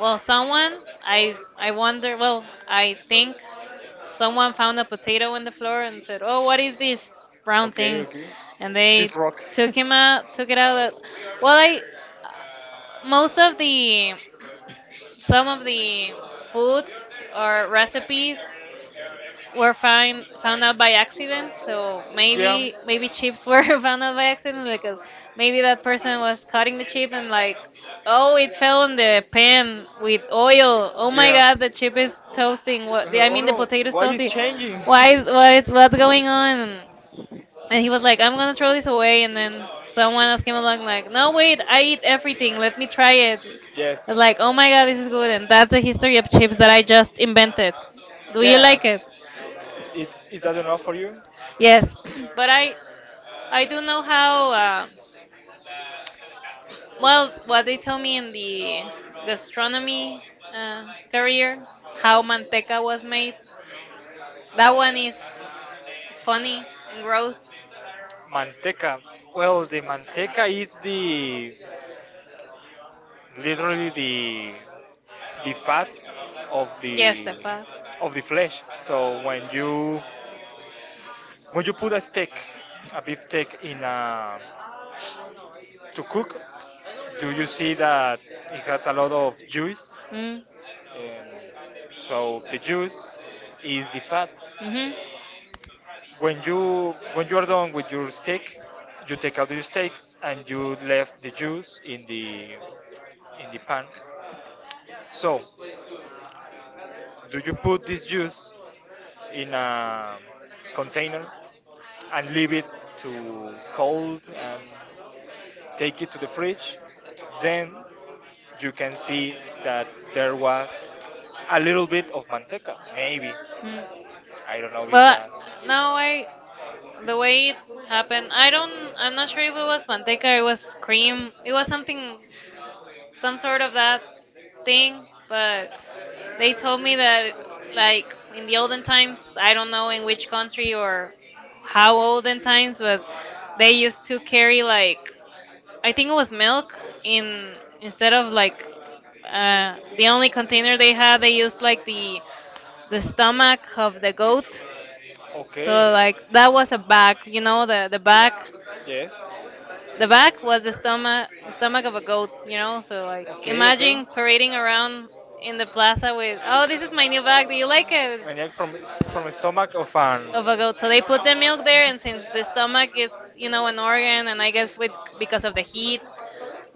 Speaker 2: Well, someone I wonder. Well, I
Speaker 1: so
Speaker 2: think someone found a potato on the floor and said, "Oh, what is
Speaker 1: So
Speaker 2: this brown
Speaker 1: okay,
Speaker 2: thing?"
Speaker 1: okay.
Speaker 2: And they
Speaker 1: This rock.
Speaker 2: took him out, took it out. Well,
Speaker 1: Well,
Speaker 2: I most of the some of the foods or recipes were find found out
Speaker 1: so
Speaker 2: by accident. So
Speaker 1: yeah.
Speaker 2: maybe chips were found out by accident because maybe that person was cutting the chip and like, oh, it fell on the pan with oil. Oh my
Speaker 1: Yeah.
Speaker 2: God, the chip is
Speaker 1: Uh,
Speaker 2: toasting. What The, I
Speaker 1: oh
Speaker 2: mean, the
Speaker 1: no,
Speaker 2: potato is
Speaker 1: why is
Speaker 2: toasting.
Speaker 1: changing?
Speaker 2: Why is what is what's going on? And he was like, I'm gonna throw this away. And then someone else came along, like, no, wait, I eat everything. Let me try it.
Speaker 1: Yes.
Speaker 2: It's like, oh my god, this is good. And that's the history of chips that I just invented. Do you
Speaker 1: Yeah.
Speaker 2: like it?
Speaker 1: It is that enough for you?
Speaker 2: Yes. But I do know how, well, what they tell me in the gastronomy uh, career, how manteca was made. That one is funny
Speaker 1: Funny,
Speaker 2: and
Speaker 1: gross.
Speaker 2: gross.
Speaker 1: Manteca. Well, the manteca is the literally the fat of, yes,
Speaker 2: Yes, the
Speaker 1: the
Speaker 2: fat.
Speaker 1: of the flesh. So when you put a steak, a beef steak in a to cook, do you see that it has a lot of juice?
Speaker 2: Mm.
Speaker 1: Um, so the juice is the fat.
Speaker 2: Mhm.
Speaker 1: When you are done with your steak, you take out your steak and you left the juice in the pan. So, do you put this juice in a container and leave it to cold and take it to the fridge? Then you can see that there was a little bit of manteca, maybe.
Speaker 2: Mm.
Speaker 1: I don't know but
Speaker 2: Well,
Speaker 1: Visa.
Speaker 2: no,
Speaker 1: Now
Speaker 2: I
Speaker 1: I,
Speaker 2: the
Speaker 1: the
Speaker 2: way
Speaker 1: way it
Speaker 2: it happened,
Speaker 1: happened,
Speaker 2: I
Speaker 1: I
Speaker 2: don't,
Speaker 1: don't,
Speaker 2: I'm
Speaker 1: I'm
Speaker 2: not
Speaker 1: not
Speaker 2: sure
Speaker 1: sure
Speaker 2: if
Speaker 1: if
Speaker 2: it
Speaker 1: it was
Speaker 2: was manteca, or it was cream, it was something some
Speaker 1: some
Speaker 2: sort
Speaker 1: sort
Speaker 2: of
Speaker 1: of
Speaker 2: that
Speaker 1: that, but
Speaker 2: thing, but they
Speaker 1: they
Speaker 2: told
Speaker 1: told
Speaker 2: me
Speaker 1: me that,
Speaker 2: that
Speaker 1: like,
Speaker 2: like in
Speaker 1: in
Speaker 2: the
Speaker 1: the olden
Speaker 2: olden times,
Speaker 1: times,
Speaker 2: I
Speaker 1: I
Speaker 2: don't
Speaker 1: don't
Speaker 2: know
Speaker 1: know
Speaker 2: in
Speaker 1: in which
Speaker 2: which country
Speaker 1: country
Speaker 2: or
Speaker 1: or,
Speaker 2: how olden times, but
Speaker 1: but
Speaker 2: they
Speaker 1: they,
Speaker 2: used to carry like
Speaker 1: I
Speaker 2: I think
Speaker 1: felt
Speaker 2: it was milk in
Speaker 1: in,
Speaker 2: instead of
Speaker 1: like,
Speaker 2: like the only
Speaker 1: in
Speaker 2: container they
Speaker 1: China
Speaker 2: had,
Speaker 1: they
Speaker 2: they
Speaker 1: used
Speaker 2: used like
Speaker 1: to the
Speaker 2: the
Speaker 1: stomach,
Speaker 2: stomach of the goat. So
Speaker 1: okay, the
Speaker 2: like that was a bag, you know, the bag
Speaker 1: back, yes, the,
Speaker 2: the
Speaker 1: the
Speaker 2: back was the
Speaker 1: stomach,
Speaker 2: stomach
Speaker 1: stomach,
Speaker 2: of a goat, you know. So like,
Speaker 1: okay, okay.
Speaker 2: imagine parading around in the plaza with, oh,
Speaker 1: Oh,
Speaker 2: this
Speaker 1: this
Speaker 2: is
Speaker 1: is my
Speaker 2: my new
Speaker 1: new bag.
Speaker 2: bag. Do
Speaker 1: Do
Speaker 2: you
Speaker 1: you like
Speaker 2: like it?
Speaker 1: it? Neck from the stomach of
Speaker 2: Of a goat. So they put the milk there, and since the stomach is, you
Speaker 1: an
Speaker 2: know, an organ, and I guess with because of the heat,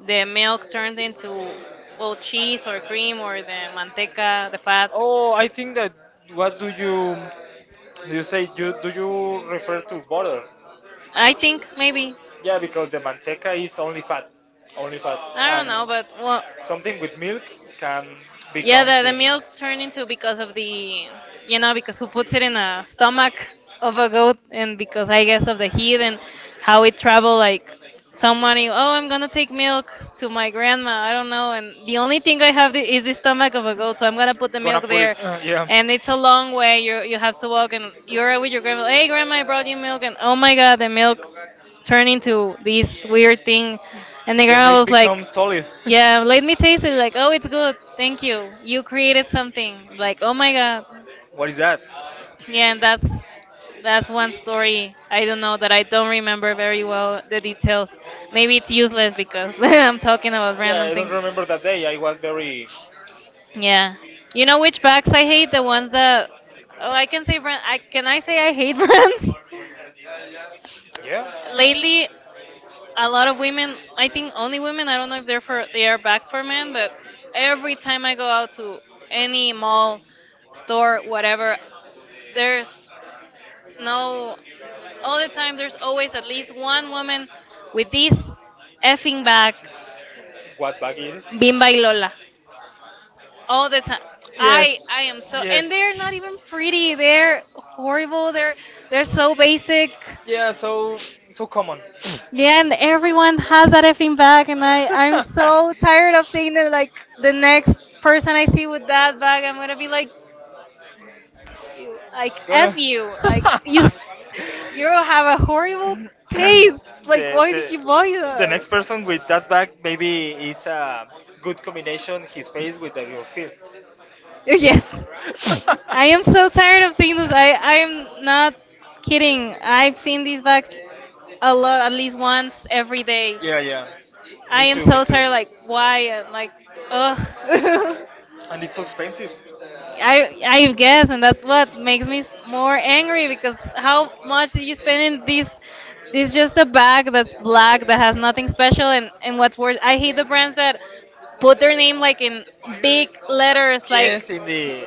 Speaker 2: the milk
Speaker 1: turned
Speaker 2: turned
Speaker 1: into
Speaker 2: into well
Speaker 1: goat cheese
Speaker 2: cheese or
Speaker 1: or cream
Speaker 2: cream
Speaker 1: or
Speaker 2: or the
Speaker 1: the
Speaker 2: manteca, the
Speaker 1: manteca butter.
Speaker 2: fat.
Speaker 1: Oh, I think that what do you do, you say? do you refer to butter?
Speaker 2: I
Speaker 1: I think
Speaker 2: think
Speaker 1: maybe.
Speaker 2: maybe
Speaker 1: Yeah, because the manteca is only fat, I
Speaker 2: I
Speaker 1: don't
Speaker 2: don't
Speaker 1: and know,
Speaker 2: know,
Speaker 1: but
Speaker 2: but well,
Speaker 1: well, something with milk can, yeah,
Speaker 2: yeah,
Speaker 1: become
Speaker 2: the
Speaker 1: the in milk
Speaker 2: milk turned
Speaker 1: turned into,
Speaker 2: into because of the you
Speaker 1: you know,
Speaker 2: know because who puts it in a
Speaker 1: black
Speaker 2: stomach
Speaker 1: and
Speaker 2: of a goat and because I guess of the heat and
Speaker 1: how
Speaker 2: how
Speaker 1: to
Speaker 2: it travel like somebody, oh, I'm gonna take milk to my grandma. I
Speaker 1: I
Speaker 2: don't
Speaker 1: don't
Speaker 2: know.
Speaker 1: know. And
Speaker 2: And
Speaker 1: the
Speaker 2: the
Speaker 1: only
Speaker 2: only
Speaker 1: thing
Speaker 2: thing
Speaker 1: I
Speaker 2: I
Speaker 1: have
Speaker 2: have is
Speaker 1: is the
Speaker 2: the
Speaker 1: stomach
Speaker 2: stomach
Speaker 1: of
Speaker 2: of
Speaker 1: a
Speaker 2: a
Speaker 1: goat.
Speaker 2: goat,
Speaker 1: So
Speaker 2: so I'm
Speaker 1: I
Speaker 2: gonna
Speaker 1: put
Speaker 2: put
Speaker 1: the,
Speaker 2: the
Speaker 1: gonna
Speaker 2: milk
Speaker 1: put it
Speaker 2: there.
Speaker 1: there. Yeah,
Speaker 2: And it's a long way. You have to
Speaker 1: and
Speaker 2: walk, and you're
Speaker 1: you're
Speaker 2: with your grandma. Hey, grandma, I brought you milk. And oh my God, the milk turned into this weird thing. And the grandma was
Speaker 1: become
Speaker 2: like,
Speaker 1: solid.
Speaker 2: yeah, let me taste it. Like, oh, it's good. Thank you. You created something. Like, oh my God.
Speaker 1: What is that?
Speaker 2: Yeah, and that's one story I don't know that I don't remember very well the details. Maybe it's useless because I'm talking about
Speaker 1: Yeah,
Speaker 2: random
Speaker 1: I don't
Speaker 2: things.
Speaker 1: remember that day. I was very.
Speaker 2: Yeah. You know which bags I hate? The ones that oh, I can say brand. I can I say I hate brands? Lately, a lot of women. I think only women. I don't know if they're for they are bags for men, but every time I go out to any
Speaker 1: Yeah,
Speaker 2: mall,
Speaker 1: store.
Speaker 2: store, whatever, there's
Speaker 1: There's no
Speaker 2: no,
Speaker 1: all
Speaker 2: all the
Speaker 1: the time.
Speaker 2: time
Speaker 1: There's
Speaker 2: there's
Speaker 1: always
Speaker 2: always at
Speaker 1: at least
Speaker 2: least
Speaker 1: one
Speaker 2: one
Speaker 1: woman
Speaker 2: woman
Speaker 1: with
Speaker 2: with this effing bag,
Speaker 1: what bag it is?
Speaker 2: Bimba y Lola.
Speaker 1: All
Speaker 2: All
Speaker 1: the
Speaker 2: the time.
Speaker 1: time. I
Speaker 2: I
Speaker 1: yes,
Speaker 2: I
Speaker 1: am
Speaker 2: am
Speaker 1: so,
Speaker 2: so
Speaker 1: and yes, they're,
Speaker 2: and they're
Speaker 1: yes, not
Speaker 2: not
Speaker 1: even
Speaker 2: even
Speaker 1: pretty,
Speaker 2: pretty. They're
Speaker 1: horrible.
Speaker 2: horrible.
Speaker 1: They're
Speaker 2: They're
Speaker 1: like,
Speaker 2: so basic.
Speaker 1: yeah, so so common. Yeah,
Speaker 2: Yeah, and everyone has that effing bag and I'm
Speaker 1: I'm so
Speaker 2: so tired of seeing that like the next
Speaker 1: with
Speaker 2: person I see with that
Speaker 1: that bag.
Speaker 2: bag,
Speaker 1: I'm
Speaker 2: I'm going
Speaker 1: gonna
Speaker 2: to be
Speaker 1: be like,
Speaker 2: like you like
Speaker 1: gonna.
Speaker 2: F you. Like
Speaker 1: the,
Speaker 2: you have a horrible taste. Like why did
Speaker 1: the,
Speaker 2: you buy
Speaker 1: the next
Speaker 2: that?
Speaker 1: person with that bag maybe is a good combination his face with the, your fist. Yeah,
Speaker 2: Yes. I am so tired of seeing this. I am not kidding. I've seen these bags a lot, at least once every day.
Speaker 1: yeah.
Speaker 2: I am so tired. Like why? And, like ugh.
Speaker 1: And it's so expensive.
Speaker 2: I guess, and that's what makes me more angry because how much did you spend in this? It's just a bag that's black that has nothing special, and what's worse, I hate the brands that put their name like in
Speaker 1: Big
Speaker 2: big
Speaker 1: letters
Speaker 2: letters,
Speaker 1: like, yes, indeed.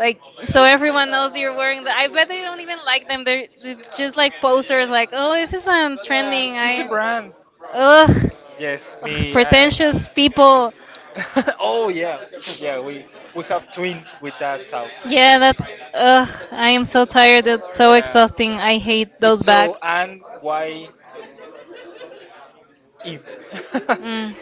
Speaker 1: Like so
Speaker 2: so
Speaker 1: everyone
Speaker 2: everyone
Speaker 1: knows
Speaker 2: knows
Speaker 1: you're
Speaker 2: you're
Speaker 1: wearing, you
Speaker 2: wearing the. I bet they
Speaker 1: don't
Speaker 2: don't even
Speaker 1: even like
Speaker 2: like
Speaker 1: them.
Speaker 2: them. They're
Speaker 1: Just
Speaker 2: just like
Speaker 1: posers
Speaker 2: posters,
Speaker 1: like
Speaker 2: like oh this is
Speaker 1: I'm, yeah,
Speaker 2: trending.
Speaker 1: trending. It's the I
Speaker 2: I
Speaker 1: brand.
Speaker 2: ugh,
Speaker 1: Yes,
Speaker 2: ugh
Speaker 1: me with I.
Speaker 2: pretentious people.
Speaker 1: Jennifer. Oh yeah, yeah. We have twins with that talk.
Speaker 2: Yeah, that's. Ugh, I am so tired. It's
Speaker 1: Yeah,
Speaker 2: so
Speaker 1: yeah.
Speaker 2: exhausting. I hate
Speaker 1: So
Speaker 2: those
Speaker 1: so
Speaker 2: bags.
Speaker 1: and why if? So
Speaker 2: Mm.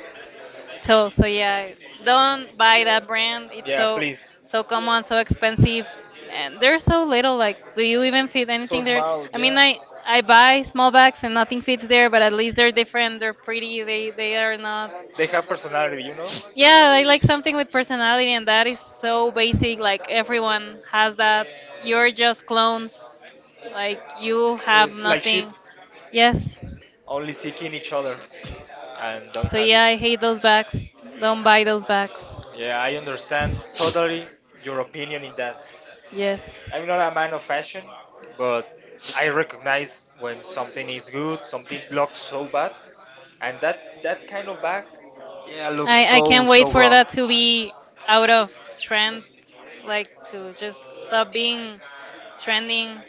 Speaker 2: So yeah,
Speaker 1: don't
Speaker 2: don't buy that
Speaker 1: brand,
Speaker 2: brand. It's
Speaker 1: yeah, so
Speaker 2: so,
Speaker 1: please.
Speaker 2: so common, so expensive,
Speaker 1: Big
Speaker 2: and they're so little. Like, do
Speaker 1: and
Speaker 2: you even fit
Speaker 1: so
Speaker 2: anything there?
Speaker 1: small. And
Speaker 2: I
Speaker 1: yeah.
Speaker 2: mean, I
Speaker 1: I
Speaker 2: buy small bags and nothing fits there, but at least they're different. They're pretty. They are not.
Speaker 1: they have personality, you know? Yeah,
Speaker 2: Yeah, I
Speaker 1: I
Speaker 2: like
Speaker 1: like something
Speaker 2: something with
Speaker 1: with
Speaker 2: personality,
Speaker 1: personality,
Speaker 2: and
Speaker 1: and
Speaker 2: that
Speaker 1: that
Speaker 2: is
Speaker 1: is so
Speaker 2: so basic.
Speaker 1: basic. Like
Speaker 2: Like
Speaker 1: everyone
Speaker 2: everyone
Speaker 1: has
Speaker 2: has
Speaker 1: that.
Speaker 2: that.
Speaker 1: You're
Speaker 2: You're
Speaker 1: just
Speaker 2: just
Speaker 1: clones.
Speaker 2: clones.
Speaker 1: Like
Speaker 2: Like
Speaker 1: you
Speaker 2: you
Speaker 1: have,
Speaker 2: have
Speaker 1: yes, no, like
Speaker 2: nothing.
Speaker 1: ships, yes,
Speaker 2: Yes.
Speaker 1: only seeking each other and don't
Speaker 2: So
Speaker 1: have.
Speaker 2: yeah, I hate those bags. Don't buy those
Speaker 1: No.
Speaker 2: bags.
Speaker 1: Yeah, I understand totally your opinion in that.
Speaker 2: Yes.
Speaker 1: I'm not a man of fashion, but I recognize when something is good, something looks so bad, and that that kind of bag, yeah, looks
Speaker 2: I
Speaker 1: so
Speaker 2: can't wait
Speaker 1: so
Speaker 2: for
Speaker 1: wrong.
Speaker 2: that to be out of trend, like to just stop being trending,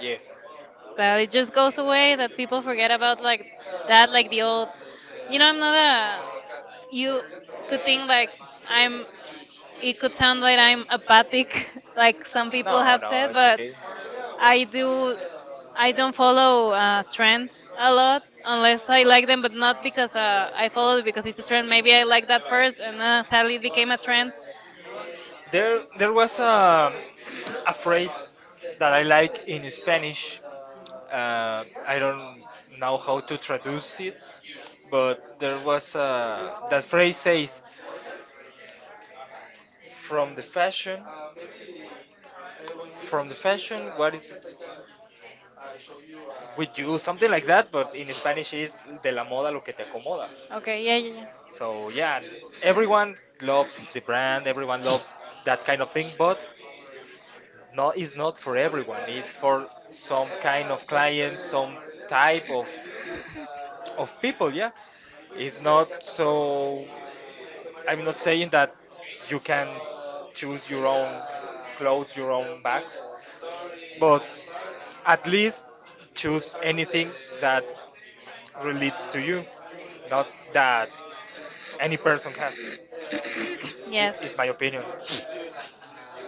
Speaker 1: Yes.
Speaker 2: that it just goes away, that people forget about, like that like the old, you know I'm not a you could think like I'm it could sound like I'm apathic like some people
Speaker 1: No,
Speaker 2: have
Speaker 1: no,
Speaker 2: said.
Speaker 1: it's
Speaker 2: But
Speaker 1: okay.
Speaker 2: i do I don't follow
Speaker 1: I love
Speaker 2: trends a lot
Speaker 1: um,
Speaker 2: unless I like them, but not because
Speaker 1: I
Speaker 2: I follow it
Speaker 1: think it's
Speaker 2: because it's a
Speaker 1: a
Speaker 2: trend.
Speaker 1: trend
Speaker 2: Maybe I like
Speaker 1: at
Speaker 2: that
Speaker 1: first,
Speaker 2: first, and
Speaker 1: sadly
Speaker 2: sadly it
Speaker 1: became
Speaker 2: became
Speaker 1: a
Speaker 2: a
Speaker 1: trend.
Speaker 2: trend.
Speaker 1: There was a phrase that I like in Spanish. I don't know how to traduce it, but there was a, that phrase says, "From the fashion, from the fashion, what is with you?" Something like that, but in Spanish is "De la moda lo que te acomoda."
Speaker 2: Okay, yeah,
Speaker 1: So yeah,
Speaker 2: yeah,
Speaker 1: everyone loves the brand,
Speaker 2: yeah.
Speaker 1: everyone loves that kind of thing, but no, it's not for everyone. It's for some kind of client, some type of people. Yeah, it's not so. I'm not saying that you can choose your own clothes, your own bags, but at least choose anything that relates to you, not that any person has. It,
Speaker 2: Yes.
Speaker 1: it's my opinion.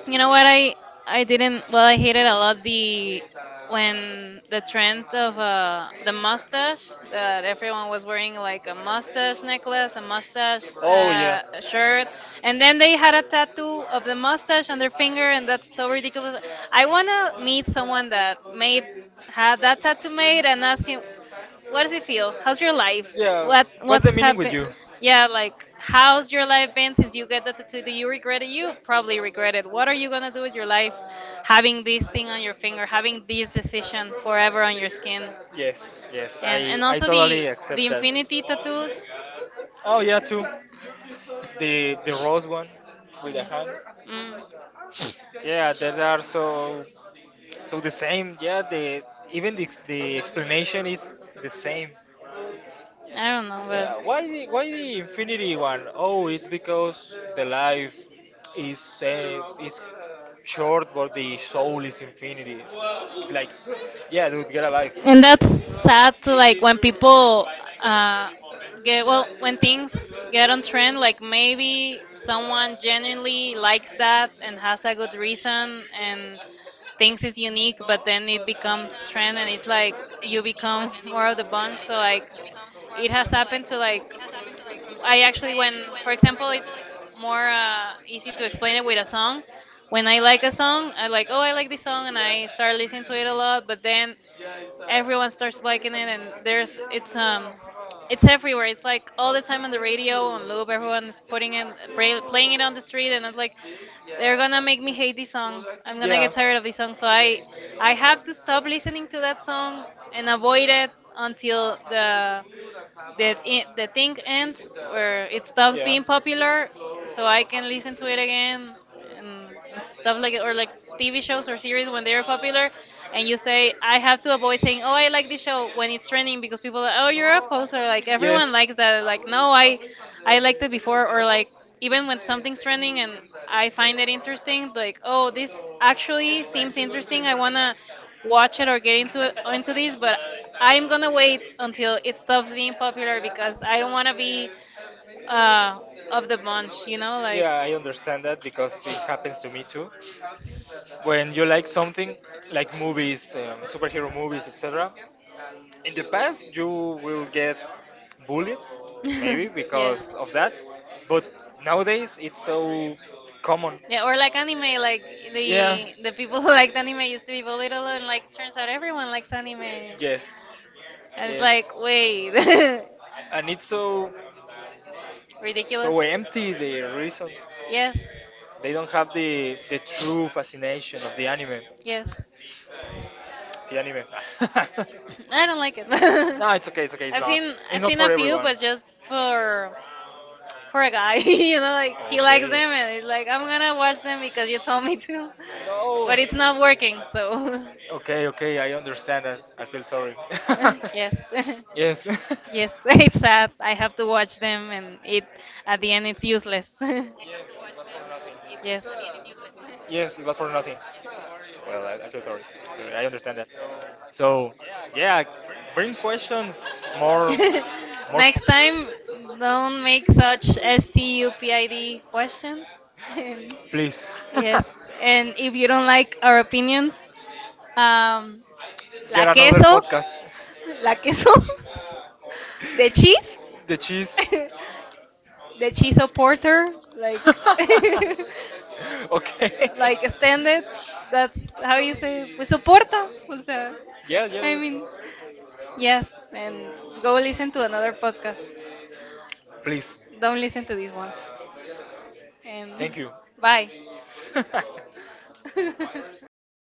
Speaker 2: You know what, I didn't, well, I hated a lot the, when the trend of the mustache that everyone was wearing, like a mustache necklace, a mustache
Speaker 1: Oh yeah.
Speaker 2: shirt, and then they had a tattoo of the mustache on their finger, and that's so ridiculous. I wanna meet someone that made had that tattoo made and ask him, what does it feel? How's your life? Yeah.
Speaker 1: Yeah.
Speaker 2: What
Speaker 1: What's
Speaker 2: what's
Speaker 1: the meaning with
Speaker 2: happened?
Speaker 1: you?
Speaker 2: Yeah, like how's your life been since you get the tattoo? Do you regret it? You probably regret it. What are you gonna do with your life, having this thing on your finger, having this decision forever on your skin? Yes.
Speaker 1: Yes, yes,
Speaker 2: and
Speaker 1: I,
Speaker 2: and
Speaker 1: I
Speaker 2: also
Speaker 1: totally
Speaker 2: the
Speaker 1: accept that.
Speaker 2: infinity tattoos.
Speaker 1: Oh yeah, too. The rose one with the
Speaker 2: Yeah.
Speaker 1: hand.
Speaker 2: Mm.
Speaker 1: Yeah, that are so so the same. Yeah, the even the explanation is the same.
Speaker 2: I don't know, but
Speaker 1: Yeah, why the,
Speaker 2: yeah.
Speaker 1: why the infinity one? Oh, it's because the life is short, but the soul is infinity. It's like, yeah, dude, get a life.
Speaker 2: And that's sad to, like, when people
Speaker 1: Um,
Speaker 2: uh,
Speaker 1: yeah,
Speaker 2: get, well,
Speaker 1: well, when
Speaker 2: when
Speaker 1: things
Speaker 2: things get
Speaker 1: get
Speaker 2: on trend,
Speaker 1: unfriendly,
Speaker 2: like maybe
Speaker 1: someone
Speaker 2: someone
Speaker 1: generally
Speaker 2: genuinely likes
Speaker 1: that
Speaker 2: that and has a
Speaker 1: a
Speaker 2: good
Speaker 1: good reason
Speaker 2: reason and
Speaker 1: and
Speaker 2: thinks
Speaker 1: thinking,
Speaker 2: it's unique,
Speaker 1: but
Speaker 2: but
Speaker 1: then
Speaker 2: then it
Speaker 1: it becomes
Speaker 2: becomes
Speaker 1: friend
Speaker 2: trend and
Speaker 1: and
Speaker 2: it's
Speaker 1: it's like
Speaker 2: like you
Speaker 1: you're
Speaker 2: become more
Speaker 1: part
Speaker 2: of
Speaker 1: of
Speaker 2: the
Speaker 1: the bunch.
Speaker 2: bunch.
Speaker 1: So
Speaker 2: So
Speaker 1: like
Speaker 2: like it
Speaker 1: it
Speaker 2: has happened
Speaker 1: happened to
Speaker 2: to,
Speaker 1: like
Speaker 2: like, I
Speaker 1: I
Speaker 2: actually,
Speaker 1: actually went,
Speaker 2: when,
Speaker 1: for
Speaker 2: for example,
Speaker 1: example, it's
Speaker 2: it's
Speaker 1: more
Speaker 2: more
Speaker 1: easy
Speaker 2: easy
Speaker 1: to
Speaker 2: to explain
Speaker 1: explain it
Speaker 2: it
Speaker 1: with
Speaker 2: with a
Speaker 1: a song.
Speaker 2: song.
Speaker 1: When
Speaker 2: When
Speaker 1: I
Speaker 2: I like
Speaker 1: like
Speaker 2: a
Speaker 1: a song,
Speaker 2: song, I
Speaker 1: I'm
Speaker 2: like,
Speaker 1: like,
Speaker 2: oh,
Speaker 1: oh, I
Speaker 2: I like
Speaker 1: like
Speaker 2: this
Speaker 1: this song,
Speaker 2: song,
Speaker 1: and
Speaker 2: and
Speaker 1: I
Speaker 2: I start
Speaker 1: start
Speaker 2: listening to it a lot.
Speaker 1: to
Speaker 2: But then
Speaker 1: dance,
Speaker 2: everyone
Speaker 1: everyone's
Speaker 2: starts
Speaker 1: liking
Speaker 2: liking it,
Speaker 1: it,
Speaker 2: and
Speaker 1: and there's
Speaker 2: there's
Speaker 1: it's
Speaker 2: it's everywhere. It's like
Speaker 1: all
Speaker 2: all
Speaker 1: the
Speaker 2: the
Speaker 1: time
Speaker 2: time on
Speaker 1: on
Speaker 2: the
Speaker 1: the radio
Speaker 2: radio on
Speaker 1: on
Speaker 2: loop.
Speaker 1: Uber,
Speaker 2: Everyone is
Speaker 1: putting
Speaker 2: putting
Speaker 1: it,
Speaker 2: it,
Speaker 1: rain, playing
Speaker 2: playing
Speaker 1: it
Speaker 2: it
Speaker 1: on
Speaker 2: on the
Speaker 1: the street,
Speaker 2: street,
Speaker 1: and
Speaker 2: and
Speaker 1: I'm
Speaker 2: I'm
Speaker 1: like,
Speaker 2: like, they're
Speaker 1: they're
Speaker 2: gonna
Speaker 1: gonna
Speaker 2: make me hate
Speaker 1: play
Speaker 2: this song.
Speaker 1: some, and then
Speaker 2: I'm
Speaker 1: I,
Speaker 2: gonna
Speaker 1: yeah, I
Speaker 2: get
Speaker 1: get
Speaker 2: tired
Speaker 1: tired.
Speaker 2: of this
Speaker 1: So
Speaker 2: song. So
Speaker 1: I
Speaker 2: I have
Speaker 1: have
Speaker 2: to
Speaker 1: to
Speaker 2: stop
Speaker 1: stop listening
Speaker 2: listening to
Speaker 1: to
Speaker 2: that
Speaker 1: that
Speaker 2: song
Speaker 1: song and
Speaker 2: and
Speaker 1: avoid
Speaker 2: avoid
Speaker 1: it
Speaker 2: it
Speaker 1: until
Speaker 2: until
Speaker 1: the the,
Speaker 2: the
Speaker 1: the thing
Speaker 2: thing ends,
Speaker 1: ends where
Speaker 2: where
Speaker 1: it
Speaker 2: it
Speaker 1: stops,
Speaker 2: stops
Speaker 1: yeah,
Speaker 2: being
Speaker 1: being popular,
Speaker 2: popular,
Speaker 1: so
Speaker 2: so I
Speaker 1: I
Speaker 2: can
Speaker 1: can
Speaker 2: listen
Speaker 1: listen to
Speaker 2: to it
Speaker 1: it
Speaker 2: again
Speaker 1: again.
Speaker 2: and stuff
Speaker 1: Stuff
Speaker 2: like
Speaker 1: like
Speaker 2: it,
Speaker 1: it
Speaker 2: or
Speaker 1: or
Speaker 2: like
Speaker 1: like
Speaker 2: TV
Speaker 1: TV shows
Speaker 2: shows
Speaker 1: or
Speaker 2: or
Speaker 1: series
Speaker 2: series when
Speaker 1: when they're
Speaker 2: they're
Speaker 1: popular,
Speaker 2: popular,
Speaker 1: and
Speaker 2: and
Speaker 1: you
Speaker 2: you say, I have to avoid
Speaker 1: say,
Speaker 2: saying, oh,
Speaker 1: oh, I
Speaker 2: I like
Speaker 1: like the
Speaker 2: this
Speaker 1: show
Speaker 2: show
Speaker 1: when
Speaker 2: when it's
Speaker 1: it's
Speaker 2: trending,
Speaker 1: trending because
Speaker 2: because people are like,
Speaker 1: oh,
Speaker 2: oh, you're
Speaker 1: you're a
Speaker 2: a
Speaker 1: so
Speaker 2: poser,
Speaker 1: like
Speaker 2: like
Speaker 1: everyone,
Speaker 2: everyone
Speaker 1: yes,
Speaker 2: likes that,
Speaker 1: like
Speaker 2: like, no,
Speaker 1: no,
Speaker 2: I
Speaker 1: I
Speaker 2: I liked it before. Or like, even when something's
Speaker 1: something's trending.
Speaker 2: trending and I
Speaker 1: I
Speaker 2: find
Speaker 1: find
Speaker 2: it
Speaker 1: it interesting.
Speaker 2: interesting,
Speaker 1: Like,
Speaker 2: like, oh,
Speaker 1: oh,
Speaker 2: this
Speaker 1: this
Speaker 2: actually
Speaker 1: actually
Speaker 2: seems
Speaker 1: seems
Speaker 2: interesting,
Speaker 1: interesting.
Speaker 2: I
Speaker 1: I want to
Speaker 2: wanna watch it or get into
Speaker 1: listen
Speaker 2: it,
Speaker 1: to this,
Speaker 2: into this,
Speaker 1: but
Speaker 2: but I'm
Speaker 1: I'm
Speaker 2: gonna
Speaker 1: gonna wait
Speaker 2: wait
Speaker 1: until
Speaker 2: until it
Speaker 1: it stops
Speaker 2: stops being
Speaker 1: being
Speaker 2: popular
Speaker 1: popular because
Speaker 2: because
Speaker 1: I
Speaker 2: I don't
Speaker 1: don't want
Speaker 2: wanna
Speaker 1: to be
Speaker 2: be uh,
Speaker 1: um,
Speaker 2: of
Speaker 1: of
Speaker 2: the
Speaker 1: the
Speaker 2: bunch,
Speaker 1: bunch.
Speaker 2: you
Speaker 1: You know,
Speaker 2: know,
Speaker 1: like
Speaker 2: like.
Speaker 1: yeah, I understand that because it happens to me too. When you like something, like movies, superhero movies, etc., in the past you will get bullied maybe
Speaker 2: Yes.
Speaker 1: because of that, but nowadays it's so common.
Speaker 2: Yeah, or like anime, like
Speaker 1: Yeah,
Speaker 2: the people who liked anime used to be belittled, and like turns out everyone likes anime. And
Speaker 1: yes,
Speaker 2: it's
Speaker 1: yes,
Speaker 2: like, wait,
Speaker 1: and it's so
Speaker 2: ridiculous.
Speaker 1: so empty the reason
Speaker 2: Yes,
Speaker 1: they don't have the true fascination of the anime,
Speaker 2: yes.
Speaker 1: see anime.
Speaker 2: I don't like it.
Speaker 1: No, it's okay. It's okay. It's not. It's
Speaker 2: I've
Speaker 1: not
Speaker 2: seen a
Speaker 1: for
Speaker 2: few,
Speaker 1: everyone.
Speaker 2: but just for a guy, you know,
Speaker 1: Okay.
Speaker 2: like he likes them and he's like, I'm gonna watch them because you told me to,
Speaker 1: No.
Speaker 2: but it's not working. So
Speaker 1: Okay. Okay. I understand that. I feel sorry.
Speaker 2: yes,
Speaker 1: Yes.
Speaker 2: yes, it's sad. I have to watch them, and it at the end it's useless.
Speaker 1: Yes, it was for nothing.
Speaker 2: Yes.
Speaker 1: Well, I feel sorry. Sorry. I understand that. So, yeah, bring questions more, more. F-
Speaker 2: Next time, don't make such stupid questions. And
Speaker 1: Please,
Speaker 2: yes, and if you don't like our opinions, um, la
Speaker 1: get another
Speaker 2: queso,
Speaker 1: podcast.
Speaker 2: la queso, the cheese,
Speaker 1: The cheese.
Speaker 2: the cheese porter, like.
Speaker 1: Okay.
Speaker 2: Like extended. That's how you say, pues soporta. O sea,
Speaker 1: Yeah, yeah,
Speaker 2: I
Speaker 1: yeah.
Speaker 2: mean, yes, and go listen to another podcast.
Speaker 1: Please.
Speaker 2: Don't listen to this one. And
Speaker 1: Thank you.
Speaker 2: bye.